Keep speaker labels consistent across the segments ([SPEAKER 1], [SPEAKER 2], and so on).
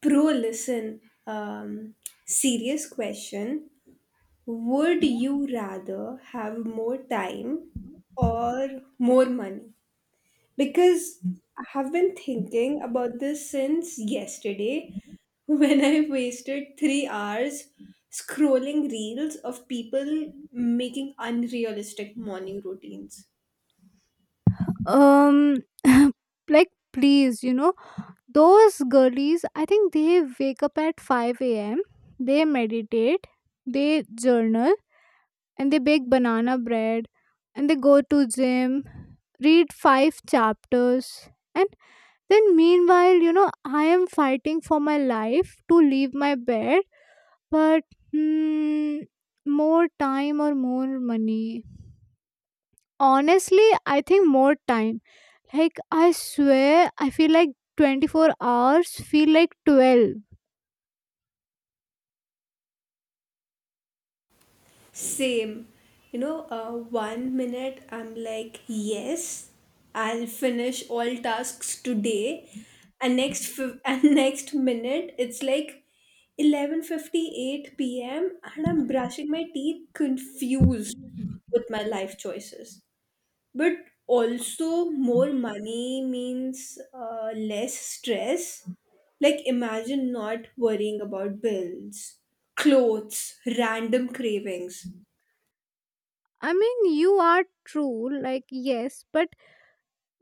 [SPEAKER 1] Pro, listen. Um, Serious question. Would you rather have more time or more money? Because I have been thinking about this since yesterday when I wasted 3 hours scrolling reels of people making unrealistic morning routines.
[SPEAKER 2] um like, please, you know, those girlies, I think they wake up at 5 a.m. They meditate, they journal, and they bake banana bread, and they go to gym, read five chapters, and then, meanwhile, I am fighting for my life to leave my bed. But hmm, more time or more money? Honestly, I think more time. Like, I swear, I feel like 24 hours feel like 12.
[SPEAKER 1] Same. You know, one minute I'm like, yes, I'll finish all tasks today, and next minute it's like 11:58 p.m. and I'm brushing my teeth, confused with my life choices. But also, more money means less stress. Like, imagine not worrying about bills, clothes, random cravings.
[SPEAKER 2] I mean, you are true, like yes, but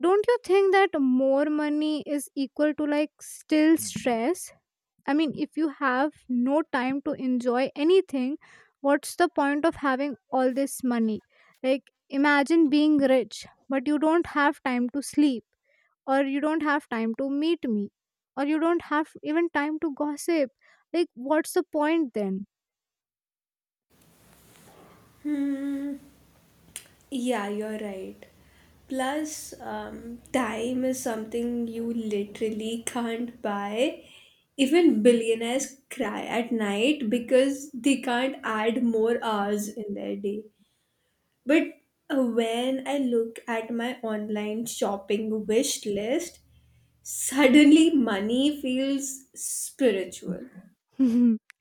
[SPEAKER 2] don't you think that more money is equal to like still stress? I mean, if you have no time to enjoy anything, what's the point of having all this money? Like, imagine being rich, but you don't have time to sleep, or you don't have time to meet me, or you don't have even time to gossip. Like, what's the point then?
[SPEAKER 1] Yeah, you're right. Plus, time is something you literally can't buy. Even billionaires cry at night because they can't add more hours in their day. But when I look at my online shopping wish list, suddenly money feels spiritual.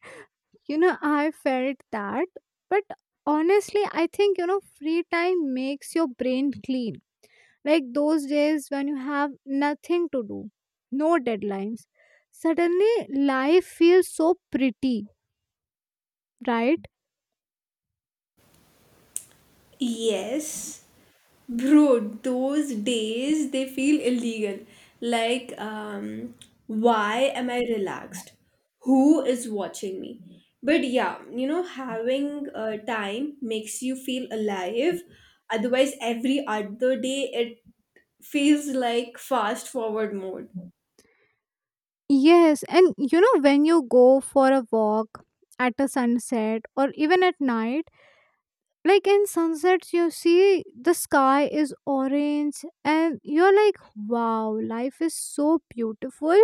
[SPEAKER 2] You know, I felt that. But honestly, I think free time makes your brain clean, like those days when you have nothing to do, no deadlines. Suddenly life feels so pretty, right?
[SPEAKER 1] Yes, bro, those days they feel illegal. Like, why am I relaxed? Who is watching me? But yeah, you know, having time makes you feel alive. Otherwise, every other day it feels like fast forward mode.
[SPEAKER 2] Yes, and when you go for a walk at a sunset or even at night, like in sunsets, you see the sky is orange, and you're like, wow, life is so beautiful.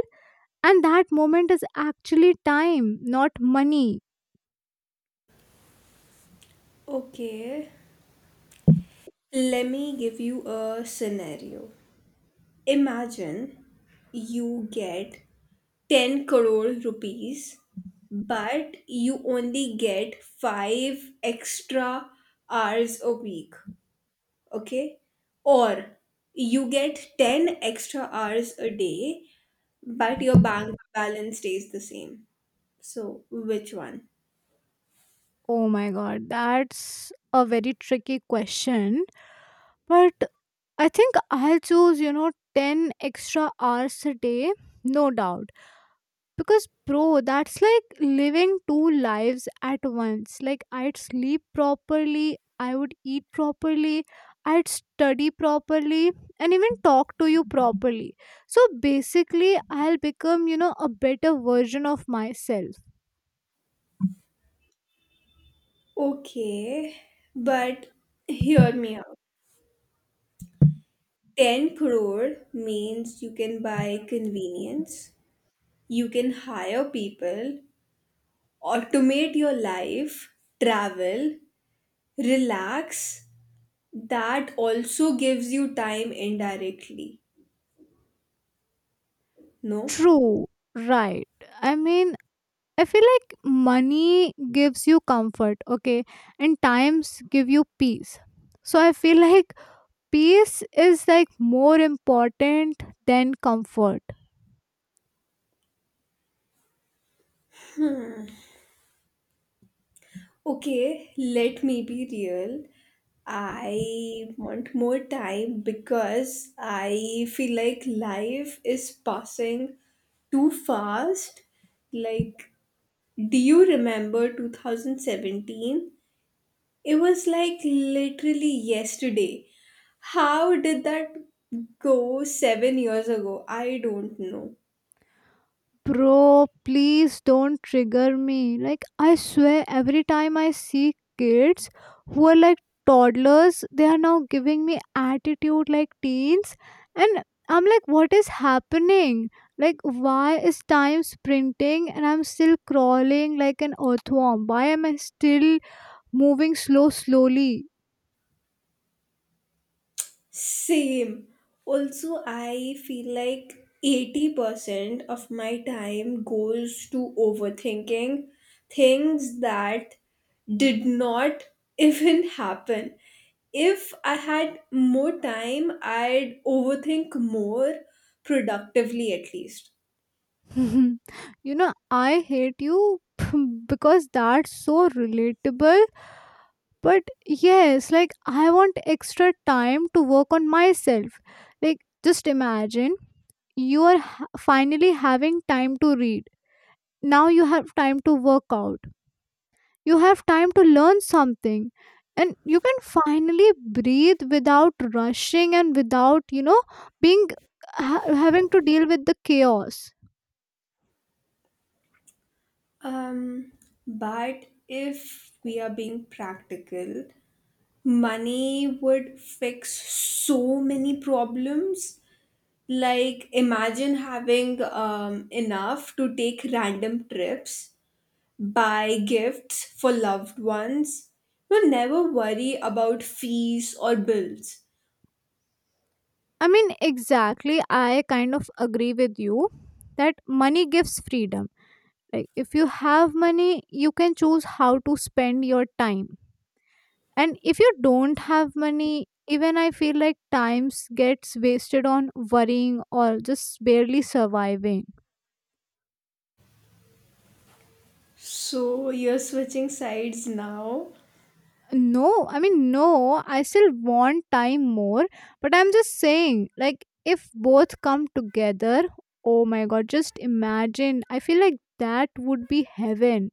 [SPEAKER 2] And that moment is actually time, not money.
[SPEAKER 1] Okay, let me give you a scenario. Imagine you get 10 crore rupees, but you only get 5 extra hours a week, okay? Or you get 10 extra hours a day, but your bank balance stays the same. So, which one?
[SPEAKER 2] Oh my god, that's a very tricky question. But I think I'll choose, 10 extra hours a day, no doubt, because bro, that's like living two lives at once. Like, I'd sleep properly, I would eat properly, I'd study properly, and even talk to you properly. So basically, I'll become, a better version of myself.
[SPEAKER 1] Okay, but hear me out. 10 crore means you can buy convenience, you can hire people, automate your life, travel, relax, that also gives you time indirectly, no?
[SPEAKER 2] True, right. I mean, I feel like money gives you comfort, okay, and times give you peace. So I feel like peace is like more important than comfort.
[SPEAKER 1] Okay, let me be real. I want more time because I feel like life is passing too fast. Like, do you remember 2017? It was like literally yesterday. How did that go? 7 years ago, I don't know.
[SPEAKER 2] Bro, please don't trigger me. Like, I swear every time I see kids who are like toddlers, they are now giving me attitude like teens. And I'm like, what is happening? Like, why is time sprinting and I'm still crawling like an earthworm? Why am I still moving slowly?
[SPEAKER 1] Same. Also, I feel like 80% of my time goes to overthinking things that did not even happen. If I had more time, I'd overthink more productively at least.
[SPEAKER 2] I hate you. Because that's so relatable. But yes, like I want extra time to work on myself. Like, just imagine you are finally having time to read. Now you have time to work out. You have time to learn something. And you can finally breathe without rushing and without, being having to deal with the chaos.
[SPEAKER 1] Um, but if we are being practical, money would fix so many problems. Like, imagine having enough to take random trips, buy gifts for loved ones, but never worry about fees or bills.
[SPEAKER 2] I mean, exactly. I kind of agree with you that money gives freedom. Like, if you have money, you can choose how to spend your time. And if you don't have money, even I feel like times gets wasted on worrying or just barely surviving.
[SPEAKER 1] So, you're switching sides now?
[SPEAKER 2] No, I mean, no, I still want time more, but I'm just saying, like, if both come together, oh my god, just imagine. I feel like that would be heaven.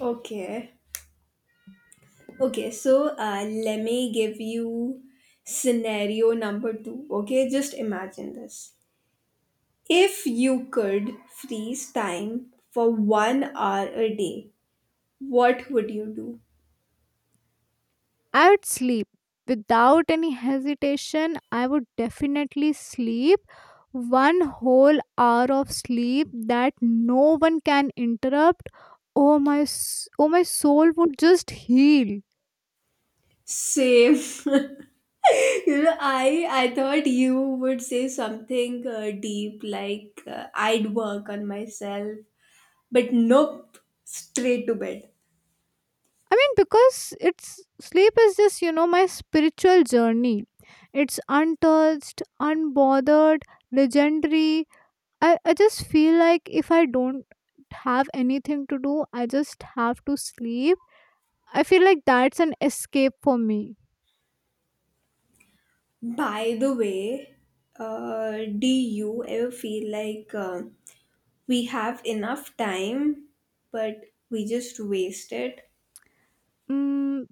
[SPEAKER 1] Okay. Okay, so let me give you scenario number two. Okay, just imagine this. If you could freeze time for one hour a day, what would you do?
[SPEAKER 2] I would sleep without any hesitation. I would definitely sleep one whole hour of sleep that no one can interrupt. Oh my soul would just heal.
[SPEAKER 1] Same. You know, I thought you would say something deep like I'd work on myself, but nope, straight to bed.
[SPEAKER 2] I mean, because it's sleep is just my spiritual journey. It's untouched, unbothered, legendary. I just feel like if I don't have anything to do, I just have to sleep. I feel like that's an escape for me.
[SPEAKER 1] By the way, uh, do you ever feel like we have enough time, but we just waste it?
[SPEAKER 2] Mm.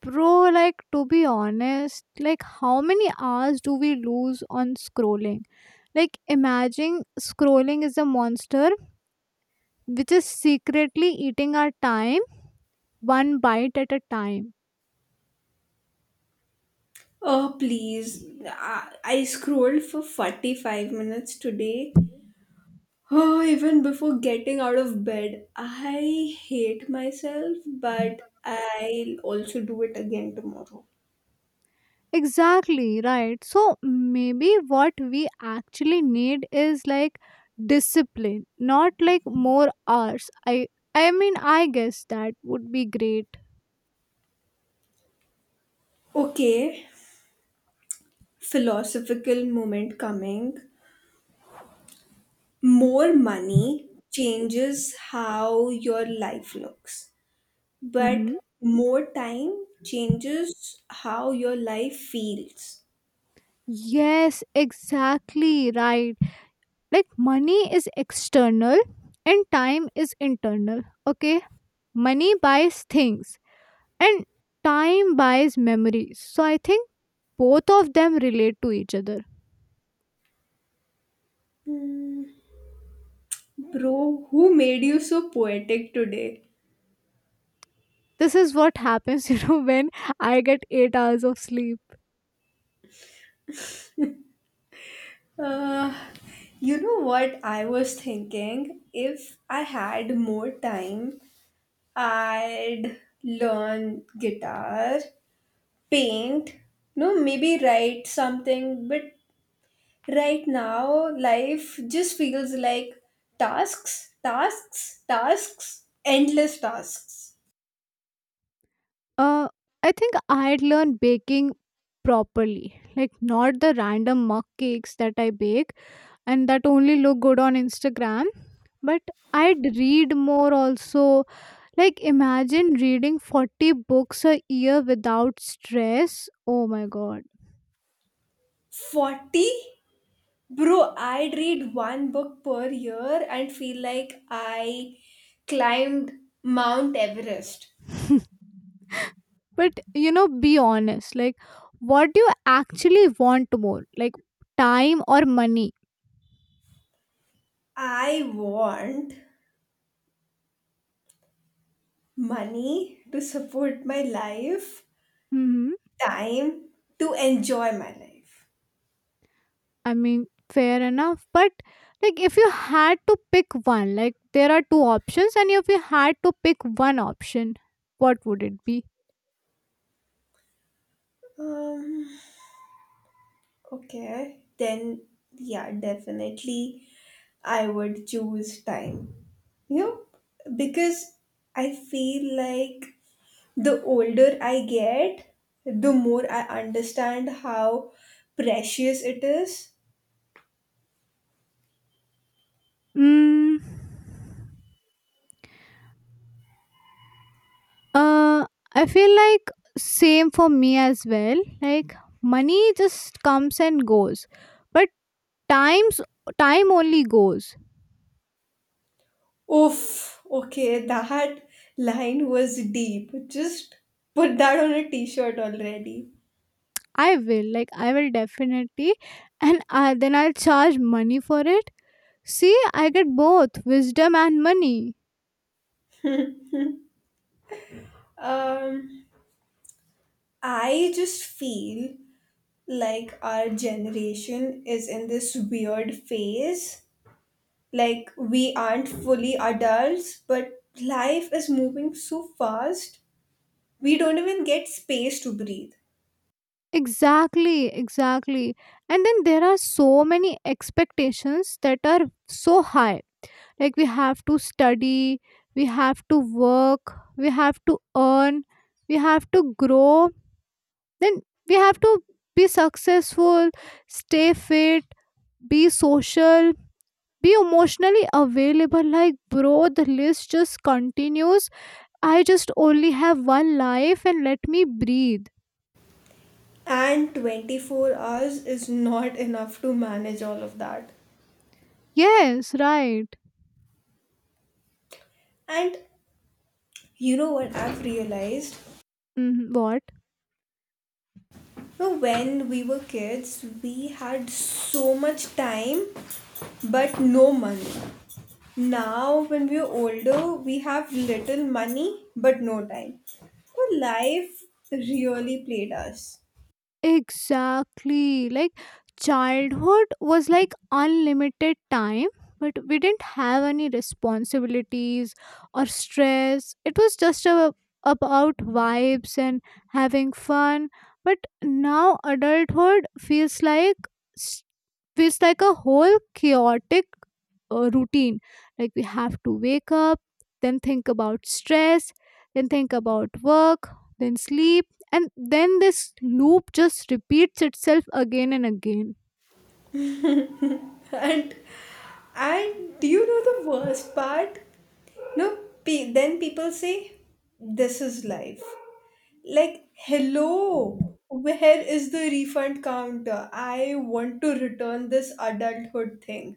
[SPEAKER 2] Bro, like to be honest, like how many hours do we lose on scrolling? Like imagine scrolling is a monster which is secretly eating our time one bite at a time.
[SPEAKER 1] Oh please, I scrolled for 45 minutes today. Oh, even before getting out of bed, I hate myself, but I'll also do it again tomorrow.
[SPEAKER 2] Exactly, right. So maybe what we actually need is like discipline, not like more hours. I mean I guess that would be great.
[SPEAKER 1] Okay, philosophical moment coming. More money changes how your life looks,
[SPEAKER 2] Mm-hmm.
[SPEAKER 1] but more time changes how your life feels.
[SPEAKER 2] Yes, exactly right. Like money is external and time is internal. Okay, money buys things and time buys memories. So I think both of them relate to each other.
[SPEAKER 1] Bro, who made you so poetic today?
[SPEAKER 2] This is what happens, when I get 8 hours of sleep.
[SPEAKER 1] Uh, you know what I was thinking? If I had more time, I'd learn guitar, paint, no, maybe write something. But right now, life just feels like tasks, tasks, tasks, endless tasks.
[SPEAKER 2] Uh, I think I'd learn baking properly, like not the random mug cakes that I bake and that only look good on Instagram. But I'd read more also, like imagine reading 40 books a year without stress, oh my god.
[SPEAKER 1] 40? Bro, I'd read one book per year and feel like I climbed Mount Everest.
[SPEAKER 2] But be honest, like what do you actually want more, like time or money?
[SPEAKER 1] I want money to support my life,
[SPEAKER 2] Mm-hmm.
[SPEAKER 1] time to enjoy my life.
[SPEAKER 2] I mean, fair enough. But like, if you had to pick one, like, there are two options, and if you had to pick one option, what would it be?
[SPEAKER 1] Um, okay, then yeah, definitely I would choose time. You know, because I feel like the older I get, the more I understand how precious it is.
[SPEAKER 2] Mm. Uh, I feel like same for me as well. Like money just comes and goes, but times time only goes.
[SPEAKER 1] Oof, okay, that line was deep. Just put that on a t shirt already.
[SPEAKER 2] I will definitely, and then I'll charge money for it. See, I get both wisdom and money.
[SPEAKER 1] Um, I just feel like our generation is in this weird phase. Like, we aren't fully adults, but life is moving so fast, we don't even get space to breathe.
[SPEAKER 2] Exactly, exactly. And then there are so many expectations that are so high. Like we have to study, we have to work, we have to earn, we have to grow, then we have to be successful, stay fit, be social, be emotionally available. Like, bro, the list just continues. I just only have one life and let me breathe.
[SPEAKER 1] And 24 hours is not enough to manage all of that.
[SPEAKER 2] Yes, right.
[SPEAKER 1] And you know what I've realized?
[SPEAKER 2] Mhm. What?
[SPEAKER 1] No, when we were kids, we had so much time but no money. Now, when we are older, we have little money but no time. So life really played us.
[SPEAKER 2] Exactly. Like childhood was like unlimited time, but we didn't have any responsibilities or stress. It was just about vibes and having fun. But now adulthood feels like s- a whole chaotic a routine, like we have to wake up, then think about stress, then think about work, then sleep, and then this loop just repeats itself again and again.
[SPEAKER 1] And and do you know the worst part? No, then people say, "This is life." Like, hello, where is the refund counter? I want to return this adulthood thing.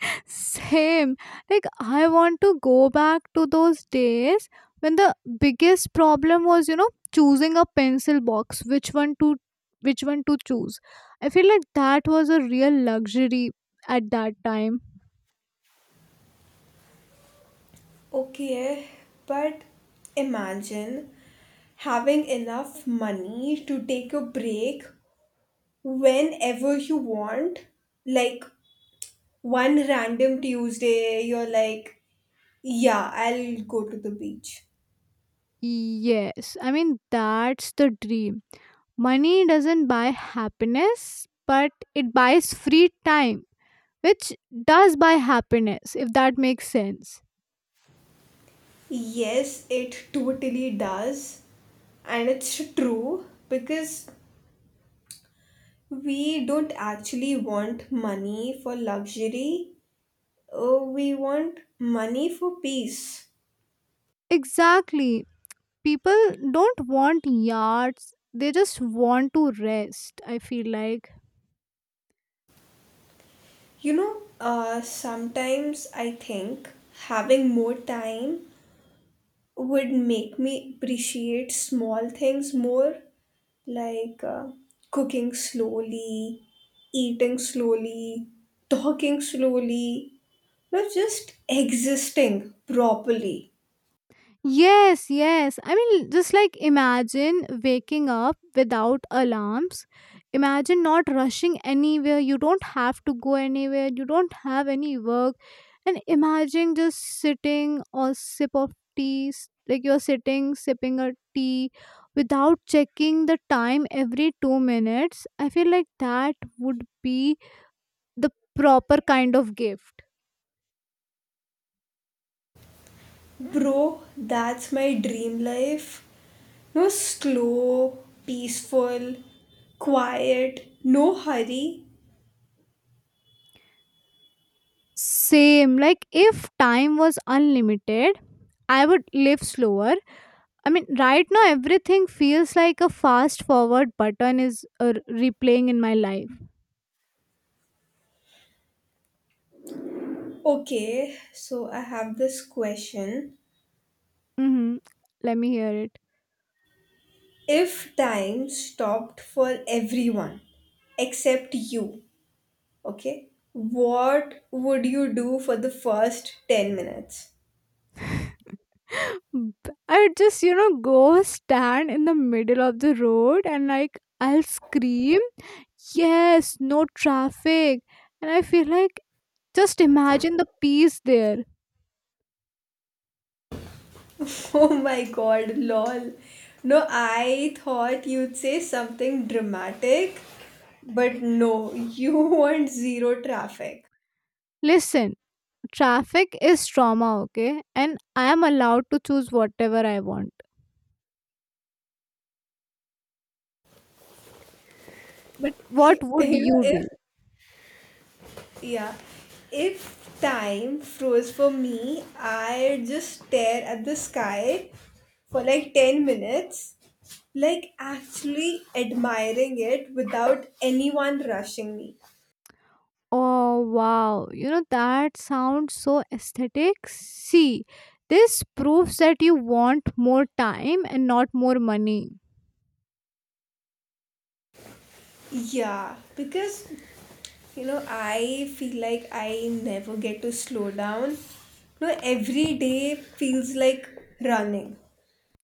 [SPEAKER 2] Same. Like I want to go back to those days when the biggest problem was choosing a pencil box, which one to choose. I feel like that was a real luxury at that time.
[SPEAKER 1] Okay, but imagine having enough money to take a break whenever you want. Like one random Tuesday, you're like, yeah, I'll go to the beach.
[SPEAKER 2] Yes, I mean that's the dream. Money doesn't buy happiness, but it buys free time, which does buy happiness, if that makes sense.
[SPEAKER 1] Yes, it totally does. And it's true because we don't actually want money for luxury, we want money for peace.
[SPEAKER 2] Exactly. People don't want yards, they just want to rest, I feel like.
[SPEAKER 1] You know, sometimes I think having more time would make me appreciate small things more, like cooking slowly, eating slowly, talking slowly, no, just existing properly.
[SPEAKER 2] Yes, yes. I mean, just like imagine waking up without alarms. Imagine not rushing anywhere. You don't have to go anywhere. You don't have any work. And imagine just sitting or sip of tea, like you're sitting, sipping a tea without checking the time every 2 minutes. I feel like that would be the proper kind of gift.
[SPEAKER 1] Bro, that's my dream life. No, slow, peaceful, quiet, no hurry.
[SPEAKER 2] Same. Like if time was unlimited, I would live slower. I mean, right now everything feels like a fast forward button is replaying in my life.
[SPEAKER 1] Okay, so I have this question.
[SPEAKER 2] Hmm. Let me hear it.
[SPEAKER 1] If time stopped for everyone except you, okay, what would you do for the first 10 minutes?
[SPEAKER 2] I would just, go stand in the middle of the road and like I'll scream, yes, no traffic. And I feel like just imagine the peace there.
[SPEAKER 1] Oh my god, lol. No, I thought you'd say something dramatic, but no, you want zero traffic.
[SPEAKER 2] Listen. Traffic is trauma, okay? And I am allowed to choose whatever I want. But what would
[SPEAKER 1] You know,
[SPEAKER 2] you do?
[SPEAKER 1] if Yeah. If time froze for me, I'd just stare at the sky for like 10 minutes, like actually admiring it without anyone rushing me.
[SPEAKER 2] Oh, wow. That sounds so aesthetic. See, this proves that you want more time and not more money.
[SPEAKER 1] Yeah, because you know, I feel like I never get to slow down. No, every day feels like running.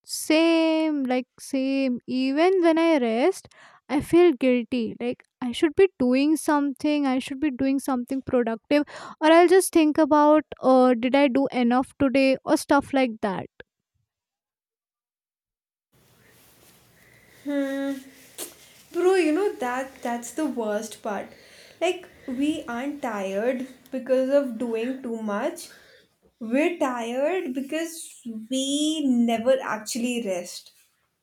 [SPEAKER 2] Same, like, same. Even when I rest, I feel guilty. Like, I should be doing something, I should be doing something productive, or I'll just think about, did I do enough today, or stuff like that.
[SPEAKER 1] Hmm. Bro, you know that that's the worst part. Like we aren't tired because of doing too much. We're tired because we never actually rest.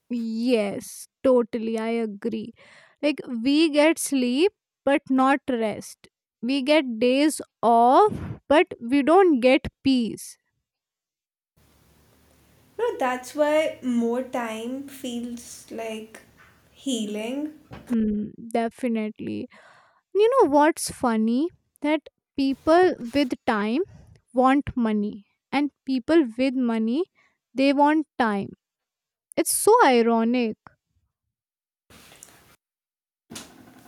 [SPEAKER 2] Yes, totally. I agree. Like, we get sleep, but not rest. We get days off, but we don't get peace.
[SPEAKER 1] No, that's why more time feels like healing.
[SPEAKER 2] Hmm, definitely. You know what's funny? That people with time want money, and people with money, they want time. It's so ironic.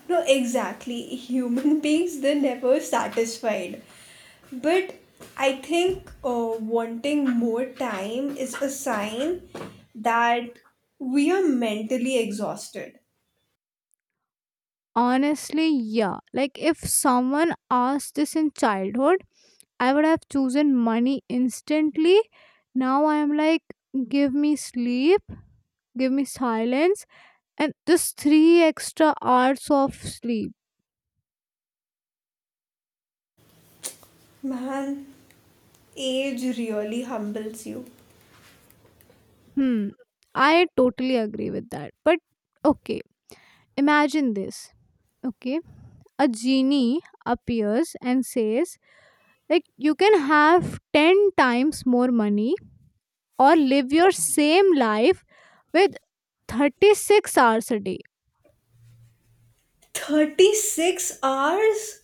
[SPEAKER 1] No, exactly. Human beings they're never satisfied. But I think wanting more time is a sign that we are mentally exhausted.
[SPEAKER 2] Honestly, yeah. Like, if someone asked this in childhood, I would have chosen money instantly. Now I am like, give me sleep, give me silence, and just 3 extra hours of sleep.
[SPEAKER 1] Man, age really humbles you.
[SPEAKER 2] Hmm. I totally agree with that. But okay, imagine this. Okay. A genie appears and says, like, you can have 10 times more money or live your same life with 36 hours a day.
[SPEAKER 1] 36 hours?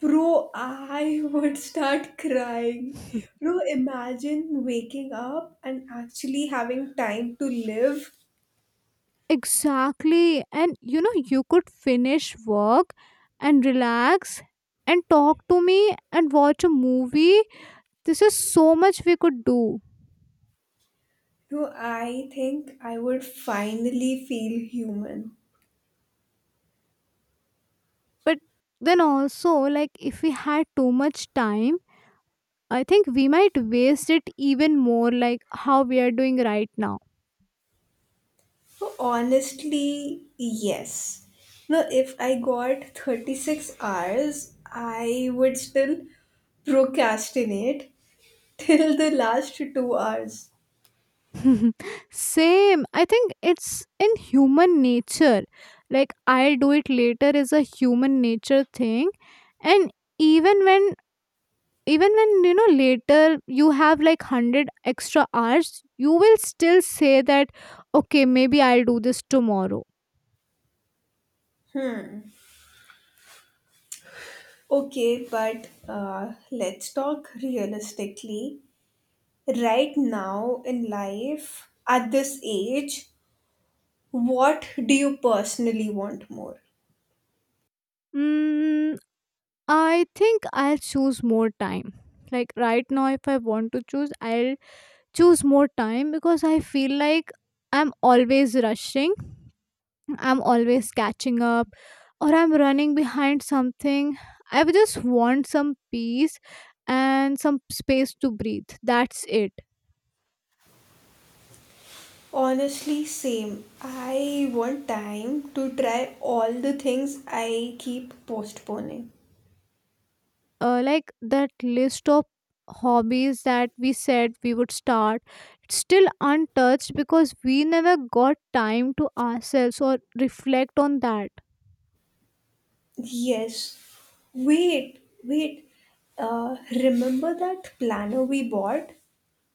[SPEAKER 1] Bro, I would start crying. Bro, imagine waking up and actually having time to live.
[SPEAKER 2] Exactly. And you could finish work and relax and talk to me and watch a movie. This is so much we could do.
[SPEAKER 1] Bro, I think I would finally feel human.
[SPEAKER 2] But then also, like, if we had too much time, I think we might waste it even more, like how we are doing right now.
[SPEAKER 1] Bro, honestly, yes. No, if I got 36 hours, I would still procrastinate till the last 2 hours.
[SPEAKER 2] Same. I think it's in human nature. Like, I'll do it later is a human nature thing. And even when even when later you have like 100 extra hours, you will still say that, okay, maybe I'll do this tomorrow.
[SPEAKER 1] Okay, but let's talk realistically. Right now in life, at this age, what do you personally want more?
[SPEAKER 2] Mm, I think I'll choose more time. Like right now, if I want to choose, I'll choose more time because I feel like I'm always rushing. I'm always catching up or I'm running behind something. I would just want some peace and some space to breathe. That's it.
[SPEAKER 1] Honestly, same. I want time to try all the things I keep postponing.
[SPEAKER 2] Like that list of hobbies that we said we would start, it's still untouched because we never got time to ourselves or reflect on that.
[SPEAKER 1] Yes. Wait, wait. Remember that planner we bought?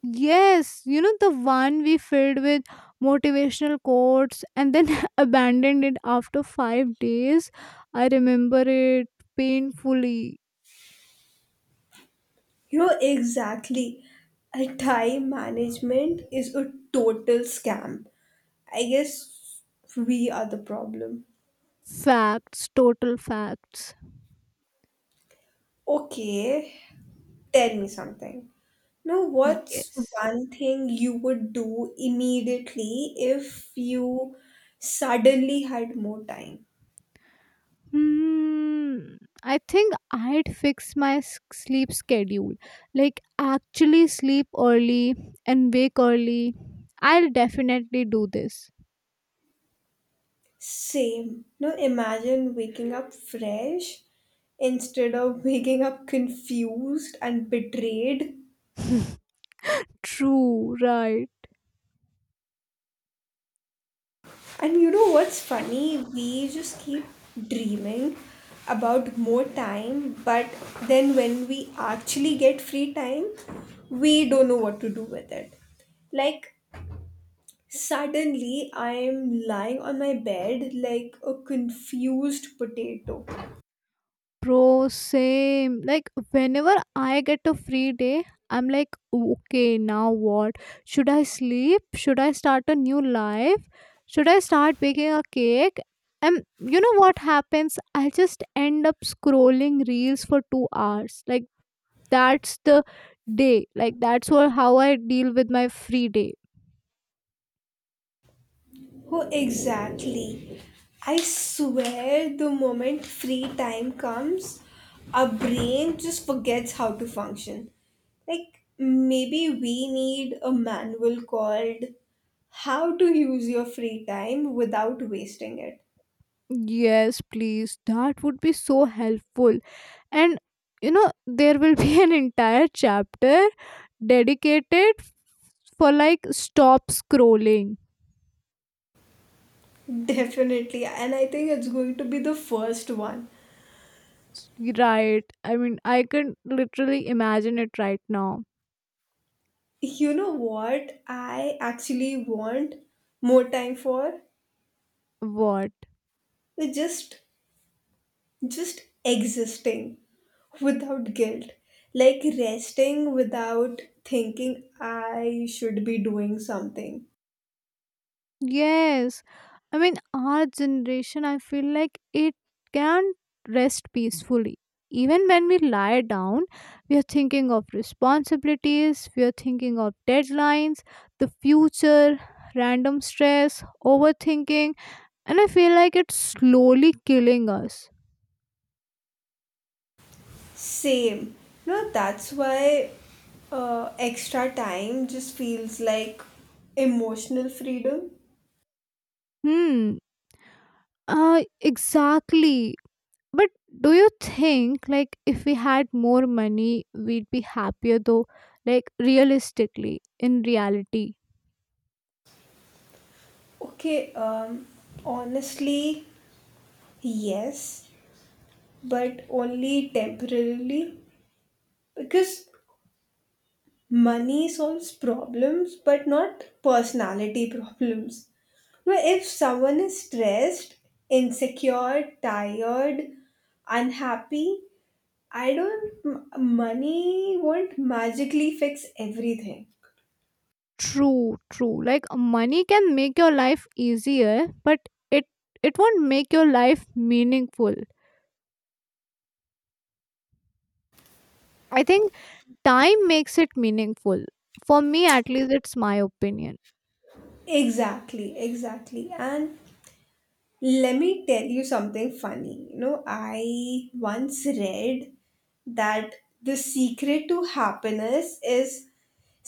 [SPEAKER 2] Yes, you know the one we filled with motivational quotes and then abandoned it after 5 days. I remember it painfully.
[SPEAKER 1] You know, exactly. A time management is a total scam. I guess we are the problem.
[SPEAKER 2] Facts, total facts.
[SPEAKER 1] Okay, tell me something. Now, what's
[SPEAKER 2] Yes.
[SPEAKER 1] one thing you would do immediately if you suddenly had more time?
[SPEAKER 2] Hmm. I think I'd fix my sleep schedule. Like actually sleep early and wake early. I'll definitely do this.
[SPEAKER 1] Same. Now, imagine waking up fresh instead of waking up confused and betrayed.
[SPEAKER 2] True, right.
[SPEAKER 1] And you know what's funny? We just keep dreaming about more time, but then when we actually get free time, we don't know what to do with it. Like, suddenly I'm lying on my bed like a confused potato.
[SPEAKER 2] Bro, same. Like, whenever I get a free day, I'm like, okay, now what? Should I sleep? Should I start a new life? Should I start baking a cake? And you know what happens? I just end up scrolling reels for 2 hours. Like, that's the day. Like, how I deal with my free day.
[SPEAKER 1] Oh, exactly. I swear the moment free time comes, our brain just forgets how to function. Like, maybe we need a manual called How to Use Your Free Time Without Wasting It.
[SPEAKER 2] Yes, please. That would be so helpful. And there will be an entire chapter dedicated for like stop scrolling.
[SPEAKER 1] Definitely, and I think it's going to be the first one.
[SPEAKER 2] S- Right. I mean, I can literally imagine it right now.
[SPEAKER 1] You know what I actually want more time for?
[SPEAKER 2] What?
[SPEAKER 1] Just existing without guilt, like resting without thinking I should be doing something.
[SPEAKER 2] Yes. I mean, our generation, I feel like it can't rest peacefully. Even when we lie down, we are thinking of responsibilities, we are thinking of deadlines, the future, random stress, overthinking, and I feel like it's slowly killing us.
[SPEAKER 1] Same. You know, that's why extra time just feels like emotional freedom.
[SPEAKER 2] Hmm. Exactly. But do you think like if we had more money we'd be happier though, like realistically in reality?
[SPEAKER 1] Okay, honestly, yes. But only temporarily because money solves problems but not personality problems. Now if someone is stressed, insecure, tired, unhappy, I don't m- money won't magically fix everything.
[SPEAKER 2] True, true. Like money can make your life easier, but it it won't make your life meaningful. I think time makes it meaningful. For me at least it's my opinion.
[SPEAKER 1] Exactly, exactly. And let me tell you something funny. You know, I once read that the secret to happiness is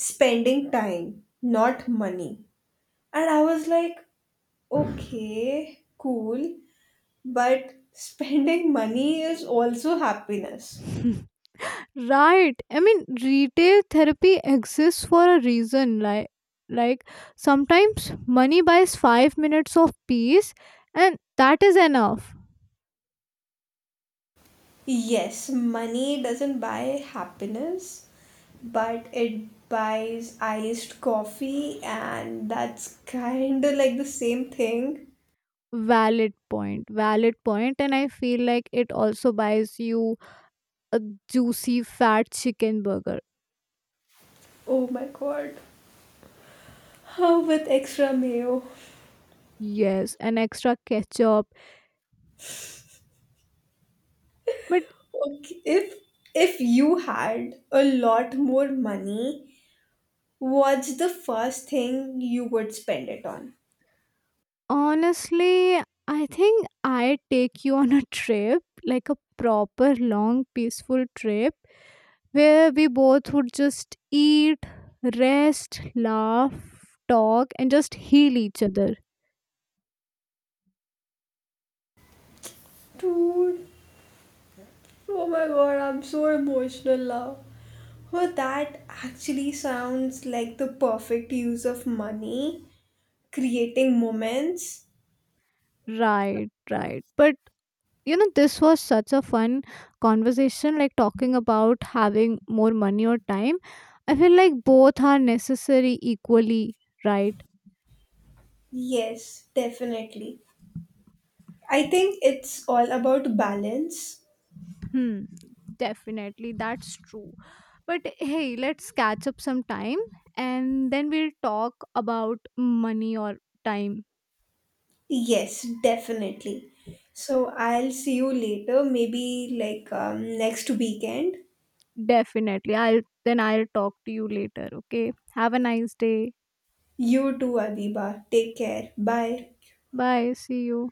[SPEAKER 1] spending time, not money. And I was like, okay, cool, but spending money is also happiness.
[SPEAKER 2] Right. I mean, retail therapy exists for a reason. Like, sometimes money buys 5 minutes of peace, and that is enough.
[SPEAKER 1] Yes, money doesn't buy happiness, but it buys iced coffee, and that's kind of like the same thing.
[SPEAKER 2] Valid point. Valid point. And I feel like it also buys you a juicy fat chicken burger.
[SPEAKER 1] Oh my god. How with extra mayo?
[SPEAKER 2] Yes, an extra ketchup. But
[SPEAKER 1] Okay, if you had a lot more money, what's the first thing you would spend it on?
[SPEAKER 2] honestly, I think I take you on a trip, like a proper long peaceful trip where we both would just eat, rest, laugh, talk, and just heal each other.
[SPEAKER 1] Dude, oh my god, I'm so emotional now. Well, that actually sounds like the perfect use of money, creating moments.
[SPEAKER 2] Right, right. But this was such a fun conversation, like talking about having more money or time. I feel like both are necessary equally, right?
[SPEAKER 1] Yes, definitely. I think it's all about balance.
[SPEAKER 2] Hmm, definitely. That's true. But hey, let's catch up sometime and then we'll talk about money or time.
[SPEAKER 1] Yes, definitely. So I'll see you later, maybe like next weekend.
[SPEAKER 2] Definitely. I'll Then I'll talk to you later. Okay. Have a nice day.
[SPEAKER 1] You too, Adiba. Take care. Bye.
[SPEAKER 2] Bye. See you.